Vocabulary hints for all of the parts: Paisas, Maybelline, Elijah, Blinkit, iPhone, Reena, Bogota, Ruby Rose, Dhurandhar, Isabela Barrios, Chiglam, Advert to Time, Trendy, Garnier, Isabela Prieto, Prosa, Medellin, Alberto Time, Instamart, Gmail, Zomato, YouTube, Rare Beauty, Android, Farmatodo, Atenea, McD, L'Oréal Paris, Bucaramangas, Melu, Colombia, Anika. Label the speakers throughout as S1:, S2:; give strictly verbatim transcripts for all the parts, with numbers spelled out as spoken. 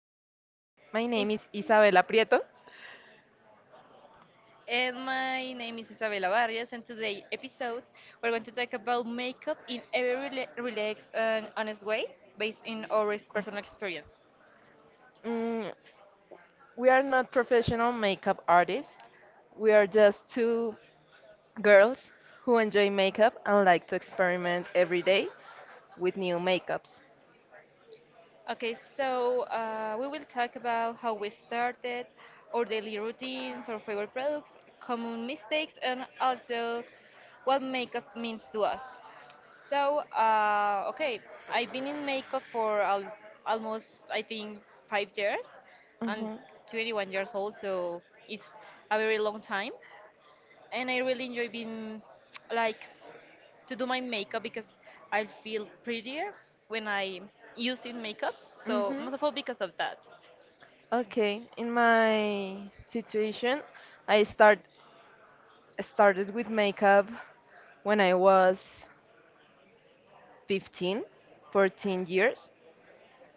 S1: today. My
S2: In-
S1: name is Isabela Prieto.
S2: And my name is Isabela Barrios, and today episodes we're going to talk about makeup in a very rela- relaxed and honest way, based in our personal experience.
S1: Mm, we are not professional makeup artists, we are just two girls who enjoy makeup and like to experiment every day with new makeups.
S2: Okay, so uh, we will talk about how we started, our daily routines, our favorite products, common mistakes, and also what makeup means to us. So, uh, okay, I've been in makeup for al- almost, I think, five years. I'm
S1: Hmm.
S2: twenty-one years old, so it's a very long time. And I really enjoy being like to do my makeup because I feel prettier when I used in makeup. So
S1: Hmm.
S2: most of all because of that.
S1: Okay, in my situation, I start started with makeup when I was fifteen, fourteen years.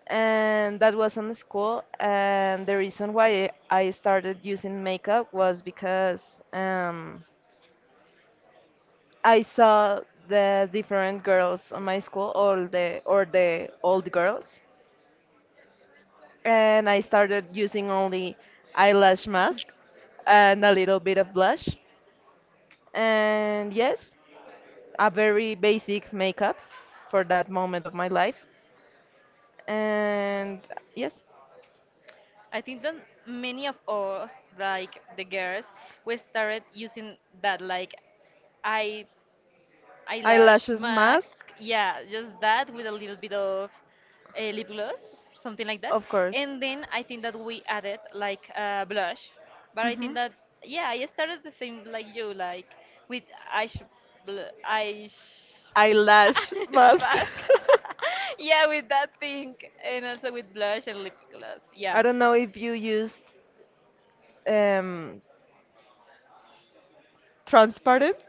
S1: And that was in school, and the reason why I started using makeup was because um, I saw the different girls on my school, all the or the old girls, and I started using only eyelash mask and a little bit of blush, and yes, a very basic makeup for that moment of my life, and yes.
S2: I think that many of us, like the girls, we started using that. Like I eyelash
S1: Eyelashes
S2: mask.
S1: mask.
S2: Yeah, just that with a little bit of uh, lip gloss, something like that.
S1: Of course.
S2: And then I think that we added like uh, blush. But I think
S1: Hmm.
S2: that yeah, I started the same like you, like with eyes, bl- eyes
S1: Eyelash
S2: mask.
S1: mask.
S2: mask. Yeah, with that thing, and also with blush and lip gloss.
S1: I
S2: Yeah.
S1: don't know if you used um, transparent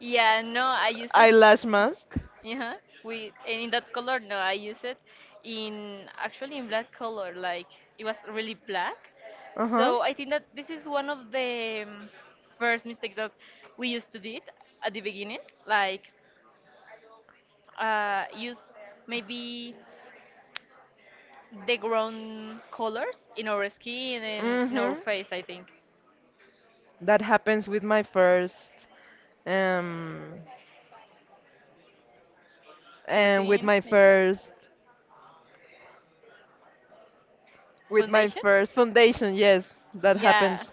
S2: Yeah, no, I use it.
S1: eyelash mask.
S2: Yeah, with and in that color, no, I use it in actually in black color, like it was really black.
S1: Uh huh.
S2: So I think that this is one of the um, first mistakes that we used to did at the beginning, like uh, use maybe the ground colors in our skin and in
S1: Mm-hmm.
S2: our face. I think
S1: That happens with my first, um, and with
S2: routine
S1: my
S2: makeup
S1: first, with my
S2: foundation.
S1: first foundation. Yes, that
S2: Yeah.
S1: happens.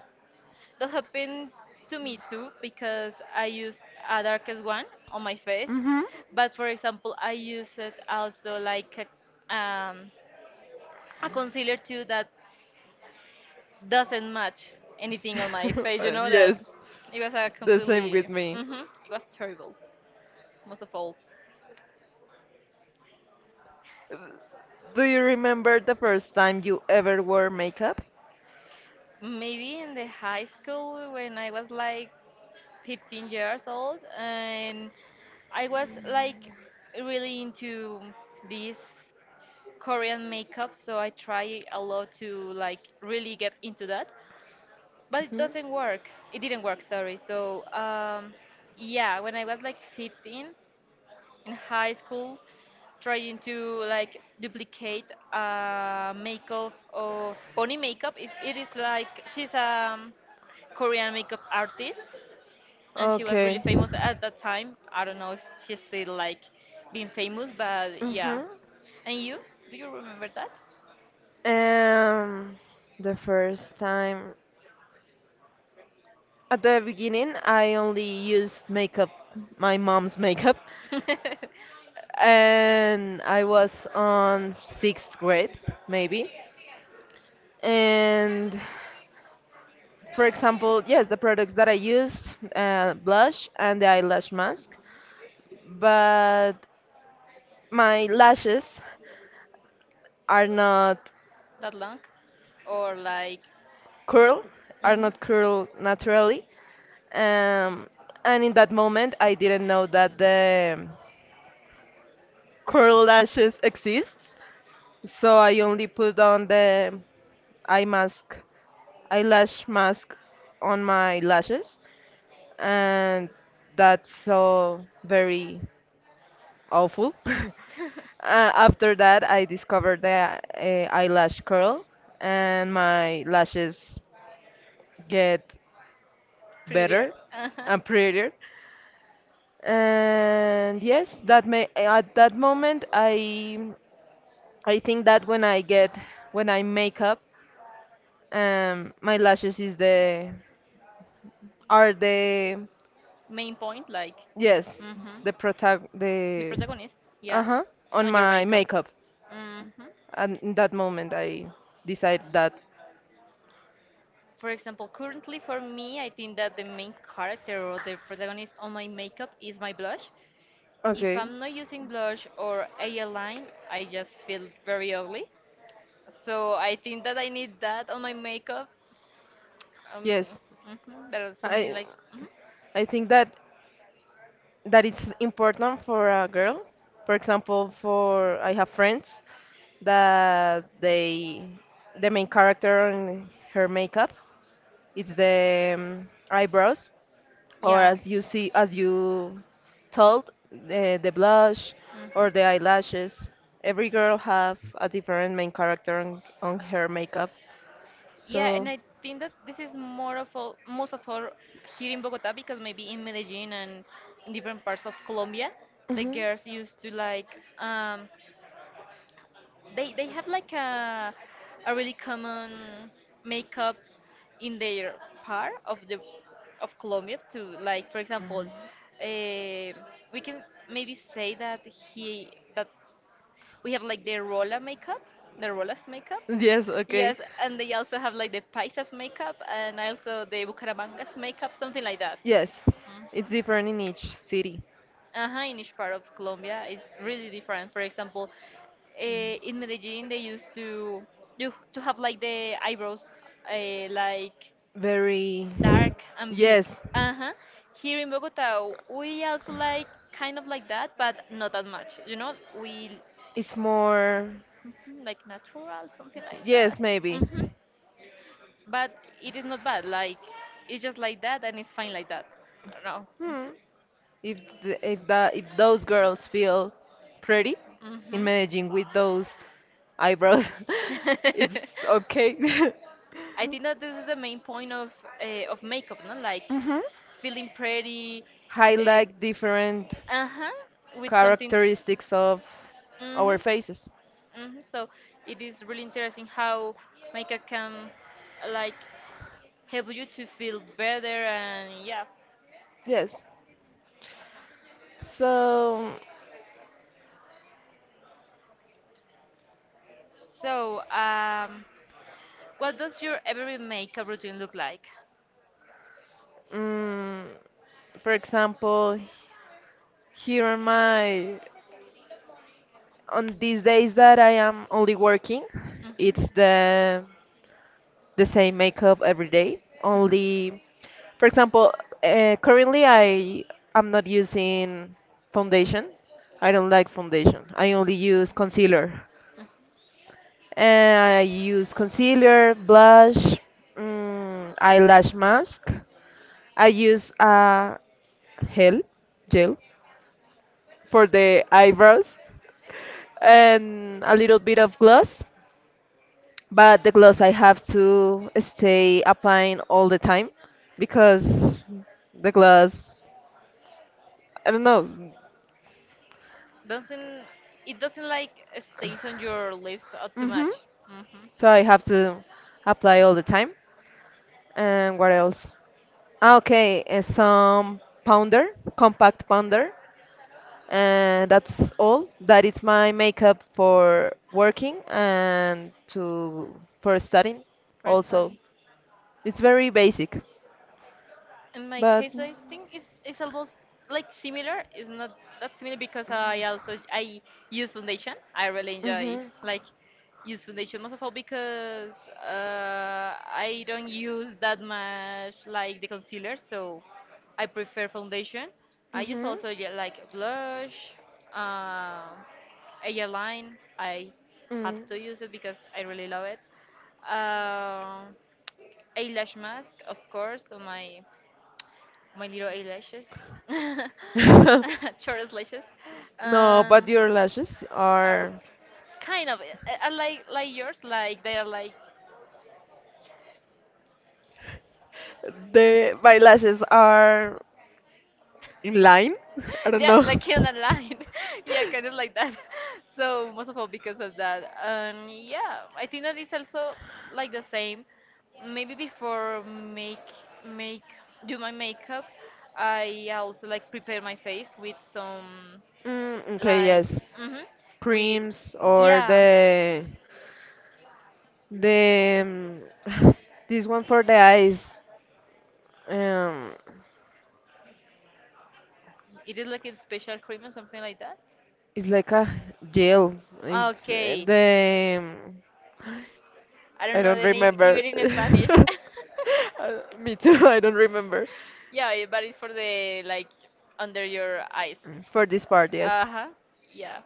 S2: That happened to me too because I used a darkest one on my face,
S1: Mm-hmm.
S2: but for example, I use it also like a, um, a concealer too that doesn't match anything on my face. You
S1: Uh,
S2: know
S1: yes,
S2: that it was a
S1: the same
S2: completely
S1: with me.
S2: hmm it was terrible. Most of all,
S1: Uh, Do you remember the first time you ever wore makeup?
S2: maybe in the high school when I was like fifteen years old and I was like really into this Korean makeup, so I try a lot to like really get into that, but it
S1: Mhm.
S2: doesn't work. It didn't work, sorry. So um, yeah, when I was like fifteen in high school, trying to like duplicate uh, makeup of Bonnie makeup is it is like she's a um, Korean makeup artist, and she was really
S1: Okay.
S2: famous at that time. I don't know if she's still like being famous, but yeah.
S1: Mhm.
S2: And you, do you remember that?
S1: Um, the first time, at the beginning, I only used makeup, my mom's makeup, and I was on sixth grade, maybe. And for example, yes, the products that I used, uh, blush and the eyelash mask, but my lashes are not.
S2: That long or like
S1: Curl. Are not
S2: mhm.
S1: curl naturally. Um, and in that moment, I didn't know that the curl lashes exists. So I only put on the eye mask, eyelash mask on my lashes, and that's so very awful. Uh, after that, I discovered the uh, eyelash curl, and my lashes get
S2: Prettier,
S1: better
S2: uh-huh.
S1: and prettier. And yes, that may at that moment I I think that when I get, when I make up, um, my lashes is the are the
S2: Main point like
S1: yes,
S2: mhm.
S1: the protag
S2: The
S1: the
S2: protagonist,
S1: uh
S2: yeah,
S1: huh, on
S2: on your
S1: my
S2: makeup.
S1: makeup.
S2: Hmm,
S1: And in that moment I decide that
S2: for example currently for me I think that the main character or the protagonist on my makeup is my blush. If
S1: okay.
S2: I'm not using blush or eyeliner, I just feel very ugly. So I think that I need that on my makeup. Um,
S1: Yes,
S2: mhm, that is something
S1: I
S2: like, mhm.
S1: I think that that it's important for a girl. For example, for I have friends that they the main character and her makeup it's the um, eyebrows, or
S2: Yeah.
S1: as you see, as you told, the, the blush
S2: Mhm.
S1: or the eyelashes. Every girl have a different main character on, on her makeup,
S2: Yeah,
S1: so.
S2: and I think that this is more of all, most of all here in Bogota because maybe in Medellin and in different parts of Colombia, the
S1: Mhm.
S2: girls used to like um, they they have like a a really common makeup in their part of the of Colombia too. Like for example, uh, we can maybe say that he that we have like the Rola makeup, the Rolas makeup.
S1: Yes, okay.
S2: Yes, and they also have like the Paisas makeup and also the Bucaramangas makeup, something like that.
S1: Yes,
S2: hmm
S1: it's different in each city.
S2: uh in each part of Colombia is really different. For example, uh, in Medellin they used to do to have like the eyebrows uh, like
S1: Very.
S2: dark and big. Yes.
S1: Yes.
S2: Uh-huh. Here in Bogota we also like kind of like that, but not that much. You know, we
S1: It's more.
S2: mhm, like natural, something like
S1: Yes,
S2: that.
S1: maybe.
S2: hmm But it is not bad. Like, it's just like that and it's fine like that. I don't know. Mm-hmm.
S1: Hmm. If the, if that, if those girls feel pretty in
S2: hmm
S1: Medellin with those eyebrows, it's okay.
S2: I think that this is the main point of uh, of makeup, no? Like
S1: Mhm.
S2: feeling pretty,
S1: Highlight different
S2: uh huh, with something.
S1: characteristics of
S2: hmm
S1: our faces.
S2: hmm So it is really interesting how makeup can like help you to feel better, and yeah.
S1: Yes. So,
S2: So um, what does your everyday makeup routine look like?
S1: mm, for example, here on my, on these days that I am only working,
S2: Mhm.
S1: it's the the same makeup every day. Only, for example, uh, currently I am not using foundation. I don't like foundation. I only use concealer.
S2: Mm.
S1: And I use concealer, blush, mm, eyelash mask. I use a gel, gel for the eyebrows, and a little bit of gloss. But the gloss I have to stay applying all the time, because the gloss, I don't know.
S2: Doesn't it doesn't like stays on your lips uh, too
S1: Hmm.
S2: much? Mm-hmm.
S1: So I have to apply all the time. And what else? Ah, okay, uh, some pounder, compact pounder, and that's all. That is my makeup for working and to for studying. Also,
S2: Personally,
S1: it's very basic,
S2: in my
S1: but.
S2: case, I think it's it's almost like similar. It's not that similar because I also I use foundation. I really enjoy
S1: Mhm.
S2: like use foundation most of all because uh, I don't use that much like the concealer, so I prefer foundation. I used
S1: Mhm.
S2: also get like blush. Um Airline, I have to use it because I really love it. Uh, Eyelash mask, of course, on my my little eyelashes, short lashes,
S1: No, but
S2: and
S1: your lashes
S2: are
S1: are.
S2: kind of uh, are like like yours, like they are like
S1: The my lashes are in line. I don't
S2: yeah,
S1: know.
S2: like kill a line. Yeah, kind of like that. So most of all because of that. And yeah, I think that is also like the same. Maybe before make make do my makeup, I also like prepare my face with some
S1: Mm, okay,
S2: like
S1: yes.
S2: mm-hmm, with
S1: Creams or
S2: yeah,
S1: the, the um, this one for the eyes. Um,
S2: it is like a special cream or something like that.
S1: it's like a gel. It's uh,
S2: Okay,
S1: the um,
S2: I don't
S1: I
S2: know
S1: don't
S2: the name
S1: remember.
S2: even in Spanish.
S1: Uh, me too. I don't remember.
S2: Yeah, it- but it's for the like under your eyes.
S1: Mm, for this part, yes.
S2: Uh huh. Yeah.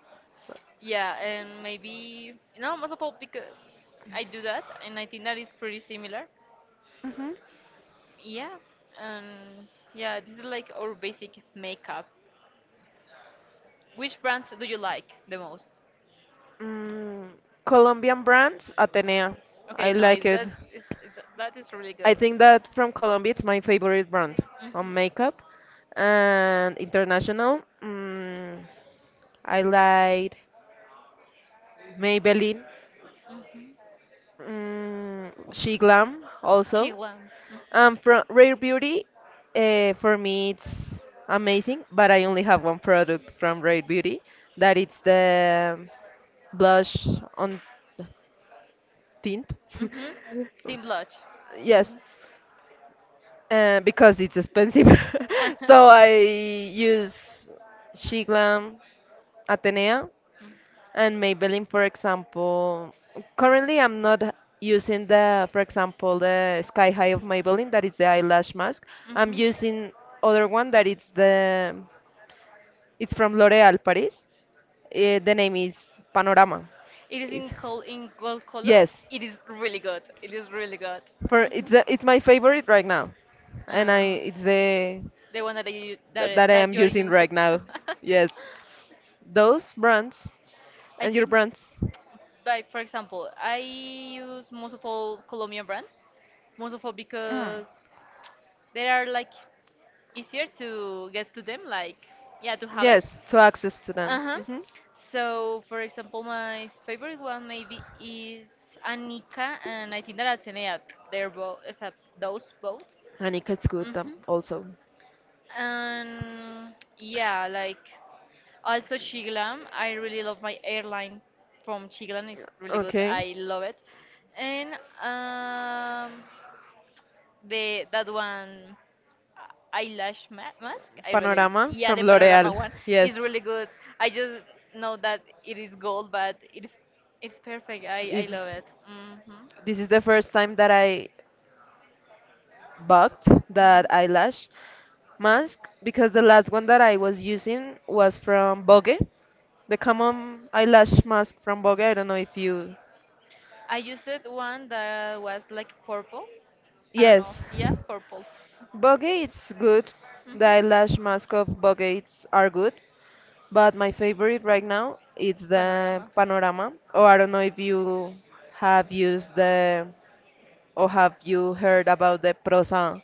S2: Yeah, and maybe no, most of all because I do that, and I think that is pretty similar.
S1: Mhm.
S2: Yeah, and yeah, this is like our basic makeup. Which brands do you like the most?
S1: Mm, Colombian brands, Atenea.
S2: Okay,
S1: I
S2: no,
S1: like
S2: it's
S1: it.
S2: that's it's, it, that is really
S1: I
S2: good.
S1: think that from Colombia, it's my favorite brand on
S2: Mhm.
S1: makeup. And international, mm, I like Maybelline,
S2: Mhm.
S1: mm, She Glam also.
S2: Chiglam.
S1: And from
S2: Mhm.
S1: Rare Beauty, uh, for me, it's amazing, but I only have one product from Rare Beauty, that it's the blush on tint.
S2: Mhm. Team Blush.
S1: Yes,
S2: Mhm.
S1: uh, because it's expensive. So I use She Glam, Atenea, and Maybelline, for example. Currently, I'm not using the, for example, the Sky High of Maybelline, that is the eyelash mask.
S2: Mm.
S1: I'm
S2: Mhm.
S1: using other one that it's the, it's from L'Oréal Paris. Eh, the name is Panorama.
S2: It is
S1: It's,
S2: in col in gold color.
S1: yes,
S2: It is really good. It is really good.
S1: for it's the, it's my favorite right now, and I
S2: Uh,
S1: it's the
S2: the one that you
S1: that,
S2: that
S1: that I
S2: that
S1: am
S2: you are
S1: using
S2: using.
S1: right now. Yes, those brands
S2: I
S1: and your
S2: think,
S1: brands.
S2: like for example, I use most of all Colombian brands, most of all because they are like easier to get to them, like yeah, to have it.
S1: Yes, to access to them.
S2: Uh huh.
S1: Hmm.
S2: So for example, my favorite one maybe is Anika and I think that Atenea. They're both, those both.
S1: And it gets good them
S2: Mm-hmm.
S1: also.
S2: And yeah, like also Chiglam. I really love my airline from Chiglam. It's really good.
S1: Okay.
S2: I love it. And um, the that one eyelash ma mask. I really
S1: Panorama
S2: yeah,
S1: from
S2: the
S1: L'Oreal.
S2: panorama one is
S1: Yes.
S2: really good. I just know that it is gold, but it is it's perfect. I I love
S1: It's
S2: it. hmm
S1: this is the first time that I bugged that eyelash mask, because the last one that I was using was from Bogue, the common eyelash mask from Bogue. I don't know if you.
S2: I used one that was like purple. I don't, yes, know.
S1: Yes,
S2: Yeah, purple.
S1: Bogue it's good. The
S2: Mhm.
S1: eyelash mask of Bogue it's are good, but my favorite right now is the
S2: Panorama.
S1: Panorama. Or I don't know if you have used the, or have you heard about the Prosa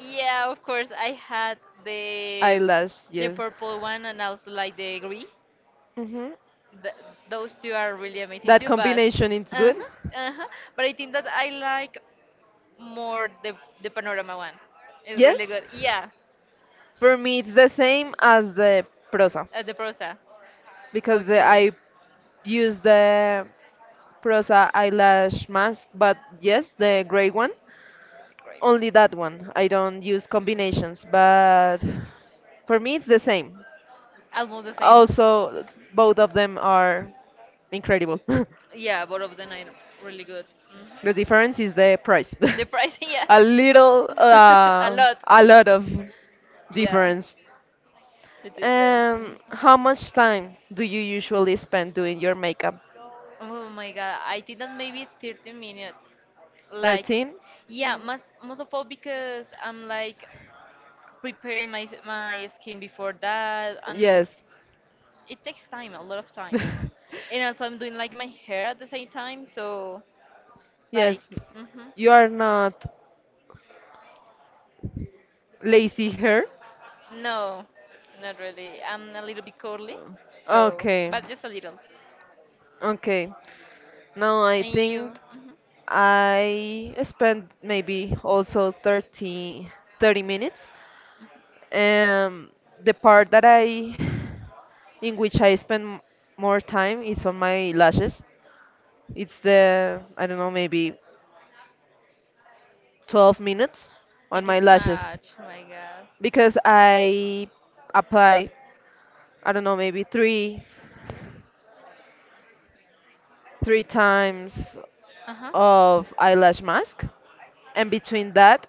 S2: Yeah, of course. I had the
S1: eyelash?
S2: the
S1: Yes.
S2: purple one and also like the green.
S1: Hmm.
S2: Th Those two are really amazing
S1: That
S2: too. But
S1: combination is
S2: uh
S1: good.
S2: huh, uh huh. But I think that I like more the the panorama one. It's really
S1: Yes?
S2: good. Yeah,
S1: For me, it's the same as the prosa
S2: uh, the prosa.
S1: because the,
S2: Okay,
S1: I use the prosa eyelash mask, but yes, the gray one.
S2: great.
S1: Only that one. I don't use combinations, but for me, it's the same.
S2: Almost the same.
S1: Also, both of them are incredible.
S2: Yeah, both of them are really good. hmm
S1: The difference is the price.
S2: The price, yeah,
S1: A little,
S2: a
S1: uh,
S2: lot.
S1: a lot of
S2: Yeah,
S1: difference.
S2: it is them.
S1: Um,
S2: Mm-hmm.
S1: how much time do you usually spend doing your makeup?
S2: Oh my god, I did that maybe thirty minutes. Like,
S1: thirteen?
S2: yeah,
S1: Yes.
S2: most, most of all because I'm like preparing my, my skin before that, and it takes time, a lot of time. And also, I'm doing like my hair at the same time, so like,
S1: Yes.
S2: hmm
S1: You are not lazy here.
S2: no, not really. I'm a little bit curly, so,
S1: Okay.
S2: but just a little.
S1: Okay. No, I
S2: And you,
S1: think
S2: hmm
S1: I spent maybe also thirty thirty minutes. Um, the part that I, in which I spend m- more time is on my lashes. It's the, I don't know, maybe twelve minutes on
S2: it
S1: my
S2: is too
S1: lashes
S2: much, oh my god.
S1: because I apply, I don't know, maybe three. three times
S2: Uh huh.
S1: of eyelash mask, and between that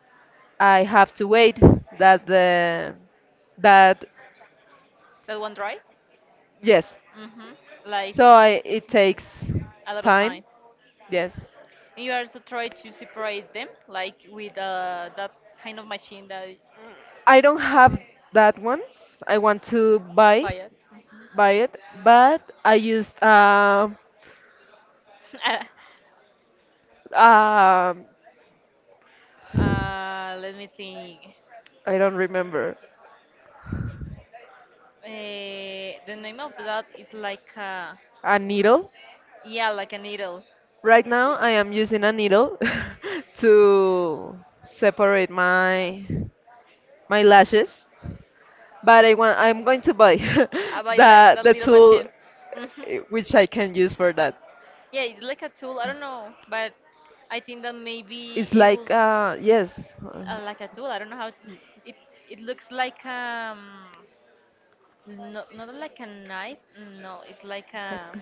S1: I have to wait that the that
S2: That one dry?
S1: yes.
S2: hmm Like
S1: So I it
S2: mhm,
S1: takes
S2: a lot of
S1: time,
S2: time.
S1: yes.
S2: And you also try to separate them, like with uh, that kind of machine that
S1: I don't have that one. I want to buy,
S2: buy it.
S1: buy it, but I used um
S2: Mhm.
S1: um
S2: uh, let me think.
S1: I don't remember.
S2: Uh, the name of that is like a,
S1: A needle.
S2: yeah, like a needle.
S1: Right now, I am using a needle to separate my my lashes, but I want I'm going to buy
S2: I buy like
S1: the
S2: that
S1: the
S2: little
S1: tool
S2: machine. hmm
S1: eh, which I can use for that.
S2: Yeah, it's like a tool. I don't know, but I think that maybe
S1: It's
S2: it
S1: like,
S2: will
S1: uh, yes, uh,
S2: uh, like a tool. I don't know how it's. It it looks like um not not like a knife. No, it's like
S1: it's like
S2: a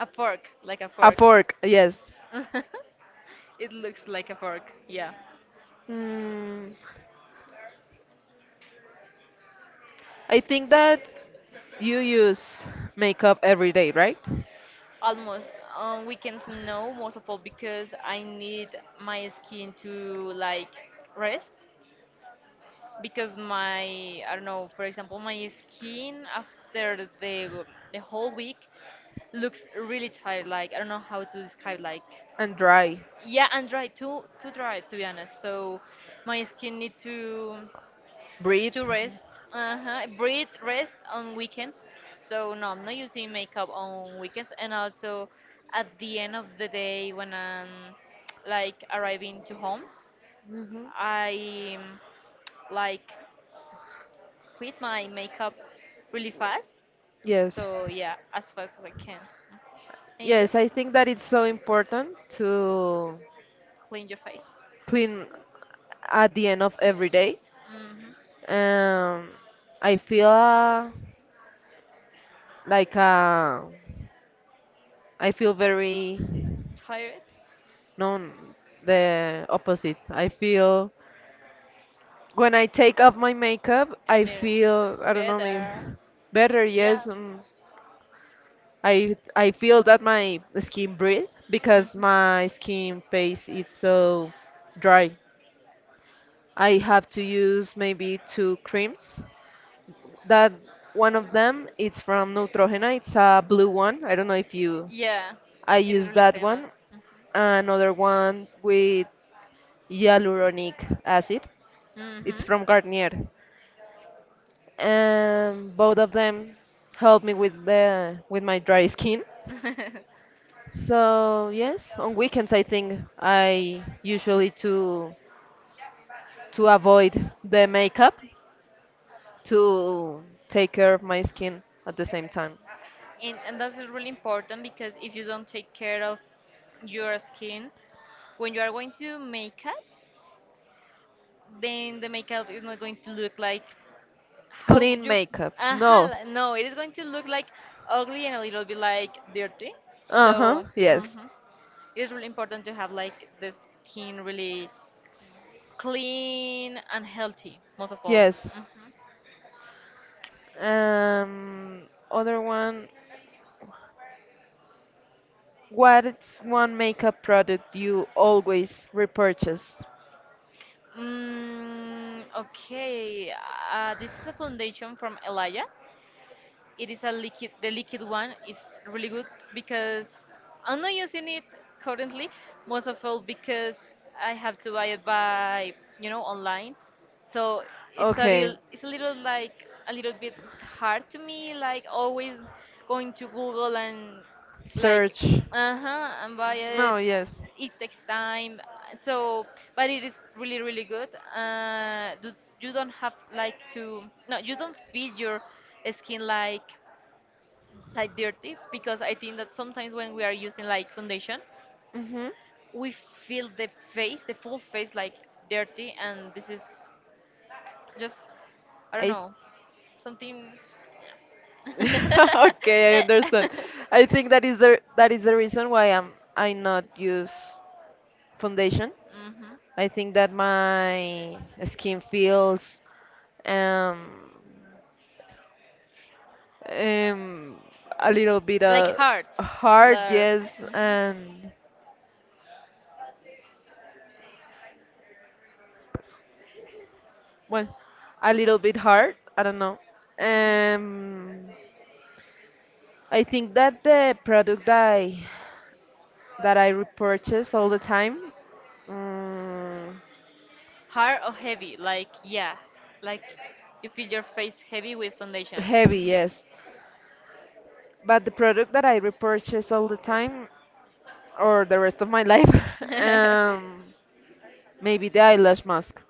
S2: a fork, like a
S1: a
S2: fork.
S1: fork. Yes.
S2: It looks like a fork. Yeah,
S1: Mm, I think that you use makeup every day, right?
S2: almost on weekends. No, most of all because I need my skin to like rest because my I don't know. For example, my skin after the the whole week looks really tired. Like I don't know how to describe like.
S1: And dry.
S2: Yeah, and dry, too too dry to be honest, so my skin need to
S1: Breathe.
S2: to rest, uh-huh, breathe, rest on weekends. So no, I'm not using makeup on weekends, and also at the end of the day when I'm like arriving to home,
S1: Mhm.
S2: I um, like quit my makeup really fast.
S1: Yes.
S2: So yeah, as fast as I can. And you,
S1: Yes, I think that it's so important to
S2: clean your face.
S1: clean at the end of every day.
S2: hmm
S1: Um, I feel uh, like uh, I feel very
S2: tired
S1: no, the opposite. I feel, when I take off my makeup, I
S2: and
S1: feel,
S2: uh,
S1: I don't know, maybe
S2: better.
S1: better,
S2: Yeah.
S1: yes. Um, I I feel that my skin breathe because
S2: Mhm.
S1: my skin face is so dry. I have to use maybe two creams. That one of them is from Neutrogena. It's a blue one. I don't know if you.
S2: Yeah,
S1: I
S2: it is
S1: use
S2: really
S1: that
S2: famous.
S1: one. Another one with hyaluronic acid.
S2: hmm
S1: It's
S2: hmm
S1: from Garnier. And both of them help me with the with my dry skin. So yes, on weekends I think I usually to to avoid the makeup to take care of my skin at the same time.
S2: and, and that's really important because if you don't take care of your skin, when you are going to makeup, then the makeup is not going to look like how
S1: Clean
S2: you.
S1: makeup.
S2: uh
S1: No.
S2: no, it is going to look like ugly and a little bit like dirty.
S1: Uh-huh.
S2: So,
S1: Yes.
S2: mhm. It is really important to have like the skin really clean and healthy, most of all.
S1: Yes.
S2: Mhm.
S1: Um, other one. What's one makeup product you always repurchase?
S2: Mm, okay, uh, this is a foundation from Elijah. It is a liquid, the liquid one is really good because I'm not using it currently, most of all because I have to buy it by, you know, online. So it's a
S1: Okay.
S2: real, it's a little like a little bit hard to me, like always going to Google and like,
S1: Search.
S2: uh-huh, and buy it,
S1: No, yes.
S2: it takes time, so but it is really really good. uh do, you don't have like to, no, you don't feel your skin like like dirty, because I think that sometimes when we are using like foundation,
S1: Mm-hmm.
S2: we feel the face the full face like dirty, and this is just, I don't
S1: I.
S2: know, something.
S1: Okay, I understand. I think that is the that is the reason why I'm I not use foundation.
S2: hmm
S1: I think that my skin feels um um, a little bit
S2: Like
S1: uh,
S2: hard. Like,
S1: hard,
S2: mhm.
S1: yes, and well, a little bit hard. I don't know. Um, I think that the product that I that I repurchase all the time, um,
S2: Hard or heavy? Like, yeah. Like, you feel your face heavy with foundation.
S1: heavy,
S2: Mhm.
S1: yes, but the product that I repurchase all the time or the rest of my life, um, maybe the eyelash mask,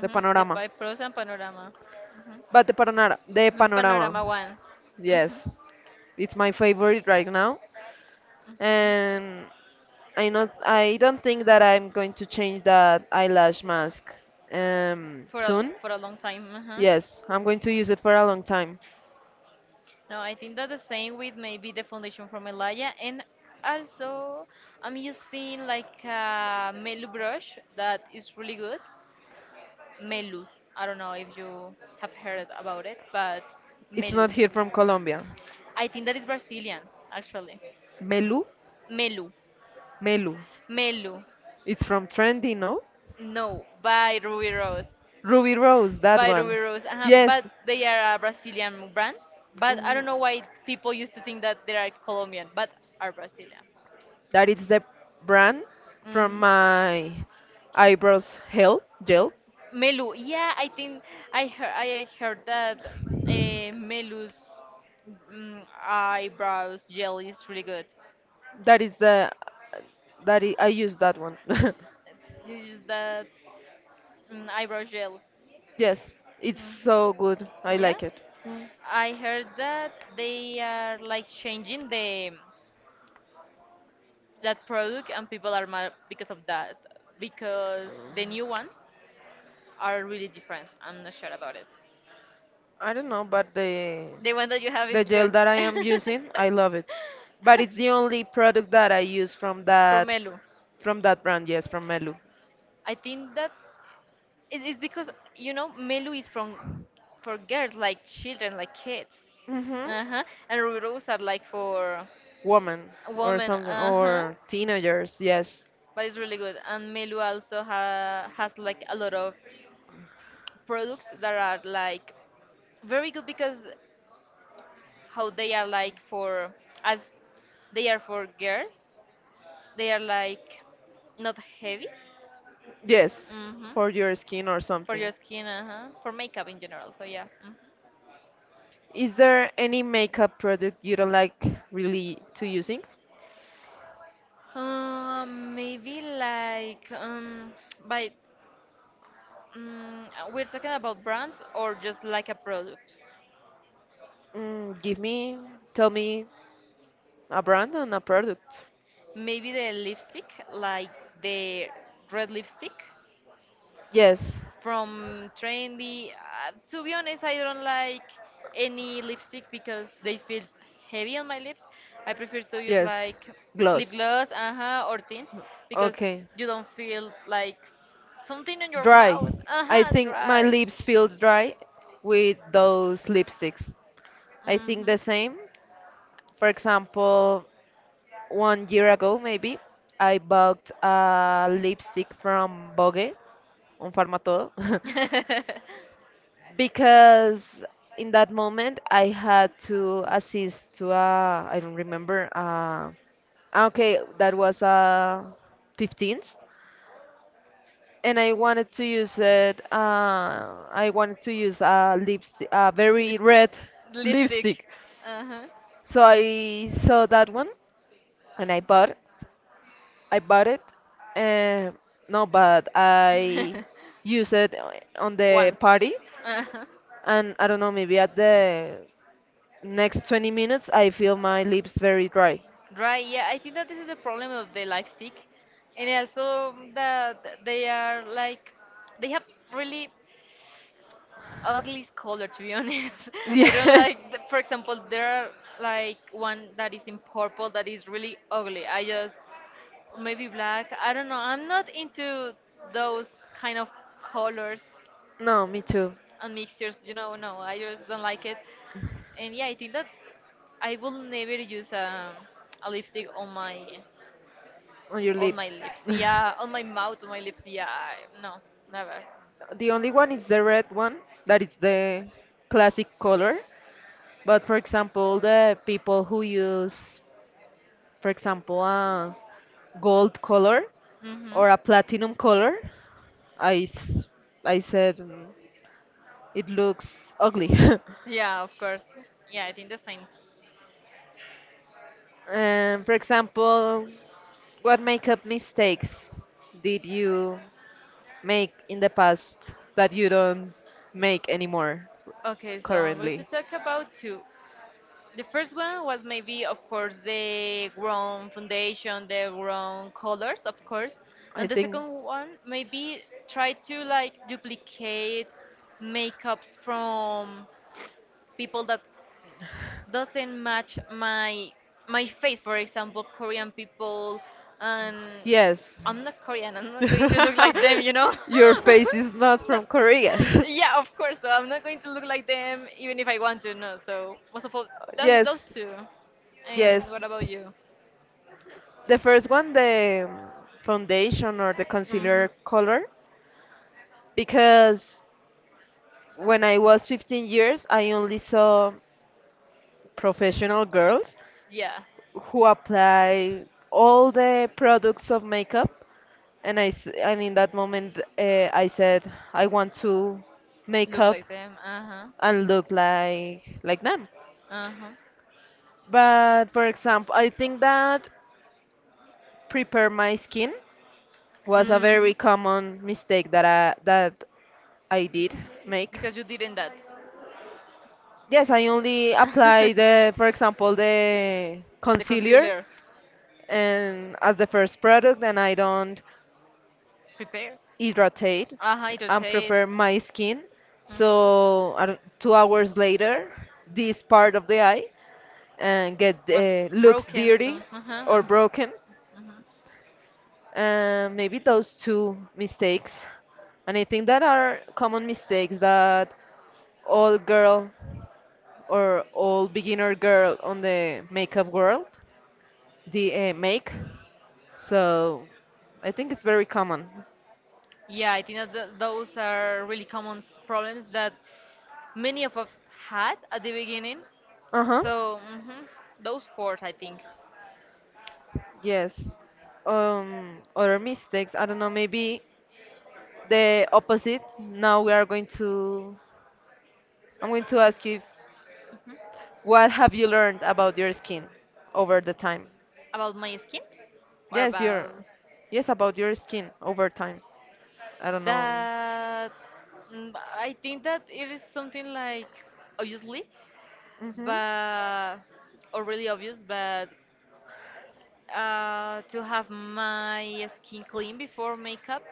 S1: the
S2: the
S1: panorama.
S2: by pros and panorama. Mhm.
S1: But the panorama, the
S2: The panorama
S1: panorama,
S2: one. Mhm,
S1: yes, it's my favorite right now,
S2: mhm.
S1: and I not I don't think that I'm going to change that eyelash mask um,
S2: For a
S1: soon.
S2: for a long time. Mhm.
S1: Yes, I'm going to use it for a long time.
S2: No, I think that the same with maybe the foundation from Elaya, and also I'm using like a Melu brush that is really good, Melus. I don't know if you have heard about it, but
S1: It's
S2: Melu.
S1: not here from Colombia.
S2: I think that is Brazilian, actually.
S1: Melu,
S2: Melu.
S1: Melu.
S2: Melu.
S1: It's from Trendy, no?
S2: No, by Ruby Rose.
S1: Ruby Rose, that
S2: By
S1: one.
S2: Ruby Rose. uh
S1: Yes.
S2: But they are uh, Brazilian brands. But I don't know why
S1: Mhm.
S2: people used to think that they are Colombian, but are Brazilian.
S1: That is the brand from
S2: hmm
S1: my eyebrows gel gel.
S2: Melu, yeah, I think I heard I heard that uh, Melu's mm, eyebrows gel is really good.
S1: That is the that I, I use that one.
S2: You use that mm, eyebrow gel,
S1: Yes, it's so good. I
S2: yeah.
S1: like it. Mm,
S2: I heard that they are like changing the that product, and people are mad because of that because the new ones are really different. I'm not sure about it.
S1: I don't know, but the.
S2: The one that you have
S1: The
S2: is
S1: gel
S2: good.
S1: that I am using, I love it. But it's the only product that I use from
S2: For
S1: that
S2: Melu.
S1: from that brand, yes, from Melu.
S2: I think that it- it's because you know Melu is from for girls like children like kids,
S1: Mhm.
S2: uh huh, and Rubiros are like for
S1: Woman or
S2: women,
S1: something,
S2: uh huh.
S1: or teenagers, yes.
S2: But it's really good, and Melu also ha- has like a lot of products that are like very good because how they are like for, as they are for girls, they are like not heavy,
S1: Yes,
S2: hmm
S1: for your skin or
S2: for your
S1: something.
S2: skin, uh huh, for makeup in general. So yeah. Mm-hmm.
S1: Is there any makeup product you don't like really to using?
S2: Um, maybe like um, by, um, we're talking about brands or just like a product.
S1: Mm, give me, tell me a brand and a product.
S2: Maybe the lipstick, like the red lipstick
S1: Yes.
S2: from Trendy. Uh, to be honest, I don't like any lipstick because they feel heavy on my lips. I prefer to use
S1: Yes.
S2: like lip
S1: Gloss.
S2: gloss, uh-huh, or tints because
S1: Okay.
S2: you don't feel like something in your
S1: Dry.
S2: mouth,
S1: I
S2: uh-huh,
S1: think my
S2: dry.
S1: lips feel dry with those lipsticks. I think
S2: hmm
S1: the same. For example, one year ago, maybe, I bought a lipstick from Bogue, on Farmatodo. Because in that moment I had to assist to a I don't remember uh, okay, that was a fifteenth, and I wanted to use it, uh, I wanted to use a lipstick, a very
S2: Lip-
S1: red
S2: Lipstick.
S1: lipstick,
S2: Uh-huh.
S1: so I saw that one and I bought. I bought it, and no, but I use it on the
S2: Once.
S1: party,
S2: Uh-huh.
S1: and I don't know, maybe at the next twenty minutes, I feel my lips very dry.
S2: Right, yeah, I think that this is the problem of the lipstick. And also that they are like, they have really ugly color, to be honest. I don't
S1: Yes.
S2: like the, for example, there are like one that is in purple that is really ugly, I just, or maybe black, I don't know, I'm not into those kind of colors
S1: No, me too.
S2: and mixtures, you know, no, I just don't like it. And yeah, I think that I will never use a, a lipstick on my,
S1: On your
S2: on my
S1: lips.
S2: lips, yeah, on my mouth, on my lips, yeah. I- no, never.
S1: The only one is the red one, that is the classic color. But for example, the people who use, for example, a gold color
S2: Mm-hmm.
S1: or a platinum color, I, s- I said mm, it looks ugly.
S2: Yeah, of course. Yeah, I think the same.
S1: And for example, what makeup mistakes did you make in the past that you don't make anymore
S2: Okay, so I'm going to
S1: currently?
S2: talk about two. The first one was maybe, of course, the wrong foundation, the wrong colors, of course.
S1: I
S2: And the
S1: think
S2: second one, maybe try to like duplicate makeups from people that doesn't match my my face, for example Korean people, and
S1: yes.
S2: I'm not Korean, I'm not going to look like them, you know.
S1: Your face is not
S2: Not-
S1: from Korea.
S2: yeah, of course, so I'm not going to look like them even if I want to, no, so most of all those, those
S1: yes,
S2: two.
S1: yes.
S2: And what about you?
S1: The first one, the um, foundation or the
S2: hmm
S1: concealer color, because when I was fifteen years, I only saw professional girls
S2: yeah,
S1: who apply all the products of makeup and I s- and in that moment uh, I said I want to make
S2: look
S1: up
S2: like them, uh-huh,
S1: and look like like them.
S2: uh-huh.
S1: But for example, I think that prepare my skin was a
S2: hmm
S1: very common mistake that I that I did make.
S2: because you didn't that.
S1: Yes, I only apply the, for example, the
S2: The
S1: concealer
S2: concealer.
S1: and as the first product, and I don't
S2: Prepare.
S1: hydrate
S2: Uh huh. It
S1: and
S2: rotate.
S1: prepare my skin. So
S2: Mhm.
S1: I don't- two hours later, this part of the eye and get
S2: Was
S1: uh, looks
S2: broken
S1: dirty
S2: soon. Uh huh.
S1: or
S2: hmm
S1: broken. And maybe those two mistakes. And I think that are common mistakes that all girl or all beginner girl on the makeup world the uh, make. So I think it's very common.
S2: Yeah, I think that th those are really common s- problems that many of us had at the beginning.
S1: Uh-huh.
S2: So, hmm those four, I think.
S1: Yes. Um, other mistakes. I don't know, maybe the opposite. Now we are going to, I'm going to ask you if,
S2: Mhm.
S1: what have you learned about your skin over the time?
S2: About my skin, or
S1: Yes, your,
S2: about.
S1: yes, about your skin over time. I don't know.
S2: That mm, I think that it is something like obviously,
S1: Mm-hmm.
S2: but or really obvious, but uh, to have my skin clean before makeup,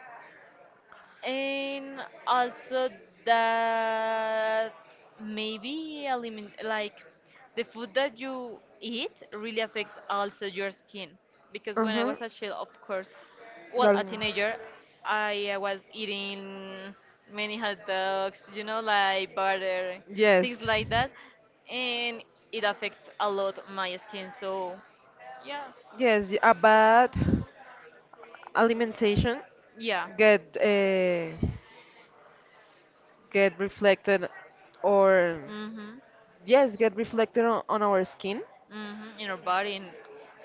S2: and also that maybe elimin like the food that you eat really affect also your skin, because
S1: Uh
S2: when I
S1: huh.
S2: was a child, of course, well a
S1: Darling.
S2: teenager, I uh, was eating many hot dogs, you know, like butter,
S1: Yes.
S2: things like that, and it affects a lot my skin, so yeah.
S1: Yes, y- a bad alimentation
S2: Yeah.
S1: get uh, get reflected or
S2: Mm-hmm.
S1: yes, get reflected on, on our skin.
S2: Mm-hmm, in our body, and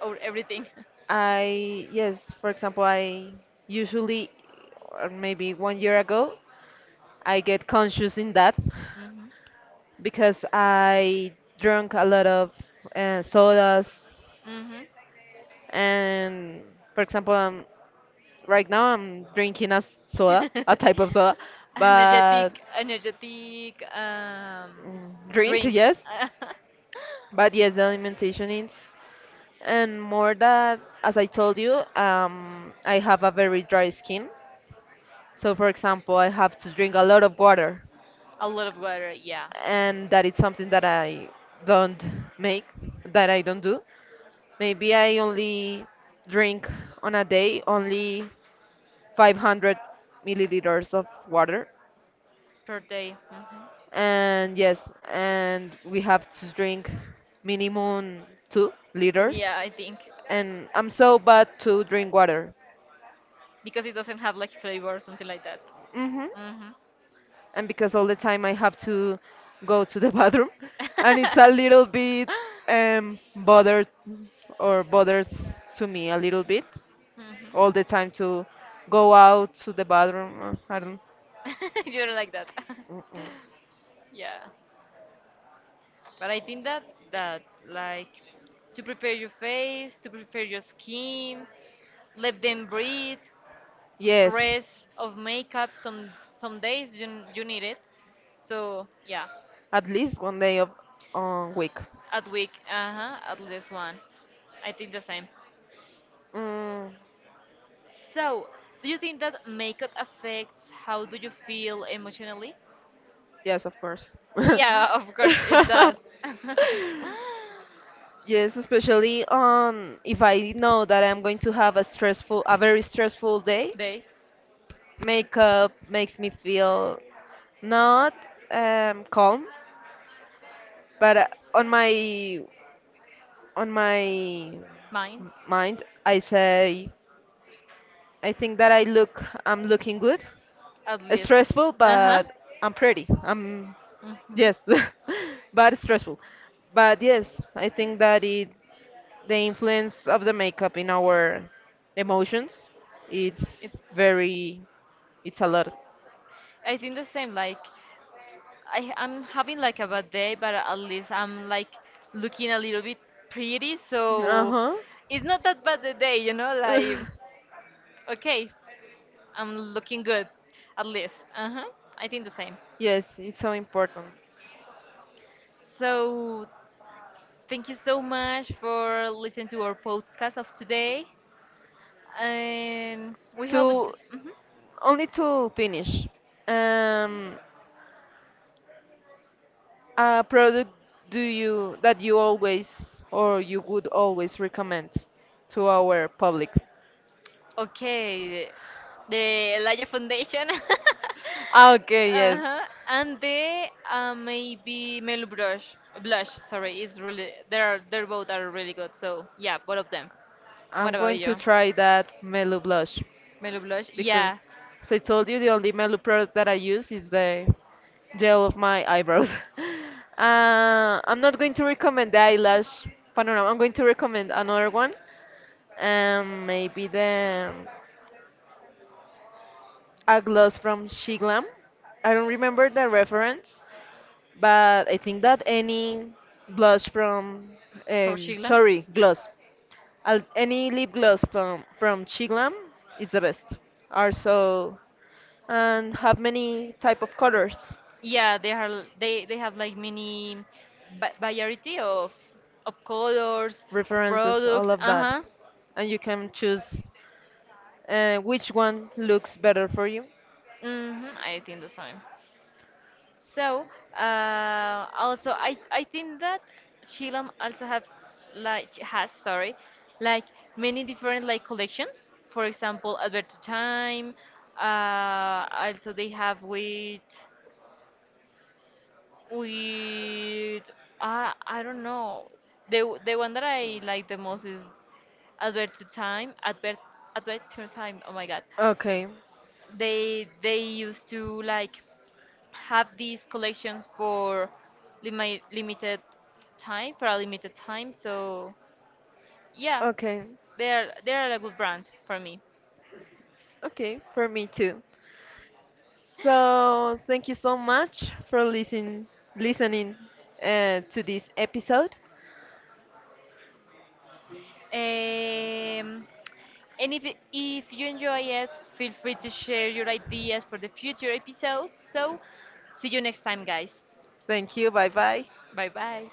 S2: our everything.
S1: I yes, for example, I usually or maybe one year ago I get conscious in that
S2: Mhm.
S1: because I drank a lot of uh, sodas,
S2: Mhm.
S1: and for example, um, right now I'm drinking a s- soda, a type of soda, but
S2: Energetic, energetic um,
S1: mm, drink,
S2: drink.
S1: yes. But yes, the alimentation is, and more that, as I told you, um, I have a very dry skin. So, for example, I have to drink a lot of water.
S2: A lot of water, yeah,
S1: And that is something that I don't make, that I don't do. Maybe I only drink on a day only five hundred milliliters of water.
S2: per day. Mhm.
S1: And yes, and we have to drink minimum two liters.
S2: Yeah, I think,
S1: And I'm so bad to drink water.
S2: because it doesn't have like flavor or something like that.
S1: Mhm.
S2: Mhm.
S1: And because all the time I have to go to the bathroom, and it's a little bit um bothered or bothers to me a little bit
S2: Mhm.
S1: all the time to go out to the bathroom. uh, I don't.
S2: You're like that.
S1: Mm-mm.
S2: Yeah. But I think that that like to prepare your face, to prepare your skin, let them breathe,
S1: Yes.
S2: rest of makeup, some some days you n- you need it. So, yeah.
S1: At least one day of a week.
S2: At week, uh-huh, at least one. I think the same.
S1: Mm,
S2: So, do you think that makeup affects how do you feel emotionally?
S1: yes, of course.
S2: Yeah, of course it does.
S1: Yes, especially um, if I know that I'm going to have a stressful, a very stressful day,
S2: They,
S1: makeup makes me feel not um, calm, but uh, on my on my
S2: mine,
S1: mind, I say I think that I look, I'm looking good.
S2: at least.
S1: Stressful,
S2: Uh huh.
S1: but I'm pretty. I'm
S2: hmm
S1: yes, but stressful. But yes, I think that it the influence of the makeup in our emotions it's
S2: It's.
S1: very it's a lot.
S2: I think the same. Like I, I'm having like a bad day, but at least I'm like looking a little bit pretty, so
S1: Uh-huh.
S2: it's not that bad a day, you know, like okay, I'm looking good at least. Uh-huh. I think the same.
S1: Yes, it's so important.
S2: So thank you so much for listening to our podcast of today. And we hope th-
S1: To
S2: mhm.
S1: Only to finish, um a product do you that you always or you would always recommend to our public?
S2: Okay, the Elijah Foundation.
S1: Ah, okay, yes.
S2: Uh-huh. And the uh, maybe Melu Blush, Blush, sorry, is really, they're they're both are really good. So yeah, both of them. What
S1: I'm
S2: about
S1: going to
S2: you?
S1: try that Melu blush
S2: Melo Blush.
S1: because,
S2: Yeah.
S1: as I told you, the only Melu product that I use is the gel of my eyebrows. uh, I'm not going to recommend the eyelash panorama. I'm going to recommend another one. Um, maybe the um, a gloss from Shiglam. I don't remember the reference, but I think that any blush from
S2: For
S1: um,
S2: Shiglam?
S1: sorry gloss, Al- any lip gloss from from Chiglam is the best. Are so and have many type of colors,
S2: Yeah, they are l- they they have like many va- variety of of colors, of
S1: references, all
S2: products.
S1: of that,
S2: Uh-huh.
S1: and you can choose uh, which one looks better for you.
S2: hmm I think the same. So, uh, also I I think that Chilam also have like ch- has, sorry, like many different like collections. For example, Alberto Time. Uh, also they have with with I I don't know. The the one that I like the most is Advert to Time. Advert Advert to Time. Oh my God.
S1: Okay,
S2: They they used to like have these collections for limi limited time, for a limited time. So yeah,
S1: okay,
S2: they're they're a good brand for me.
S1: okay, for me too. So thank you so much for listening listening uh, to this episode.
S2: Um, And if, if you enjoy it, feel free to share your ideas for the future episodes. So, see you next time, guys.
S1: Thank you. Bye bye.
S2: Bye bye.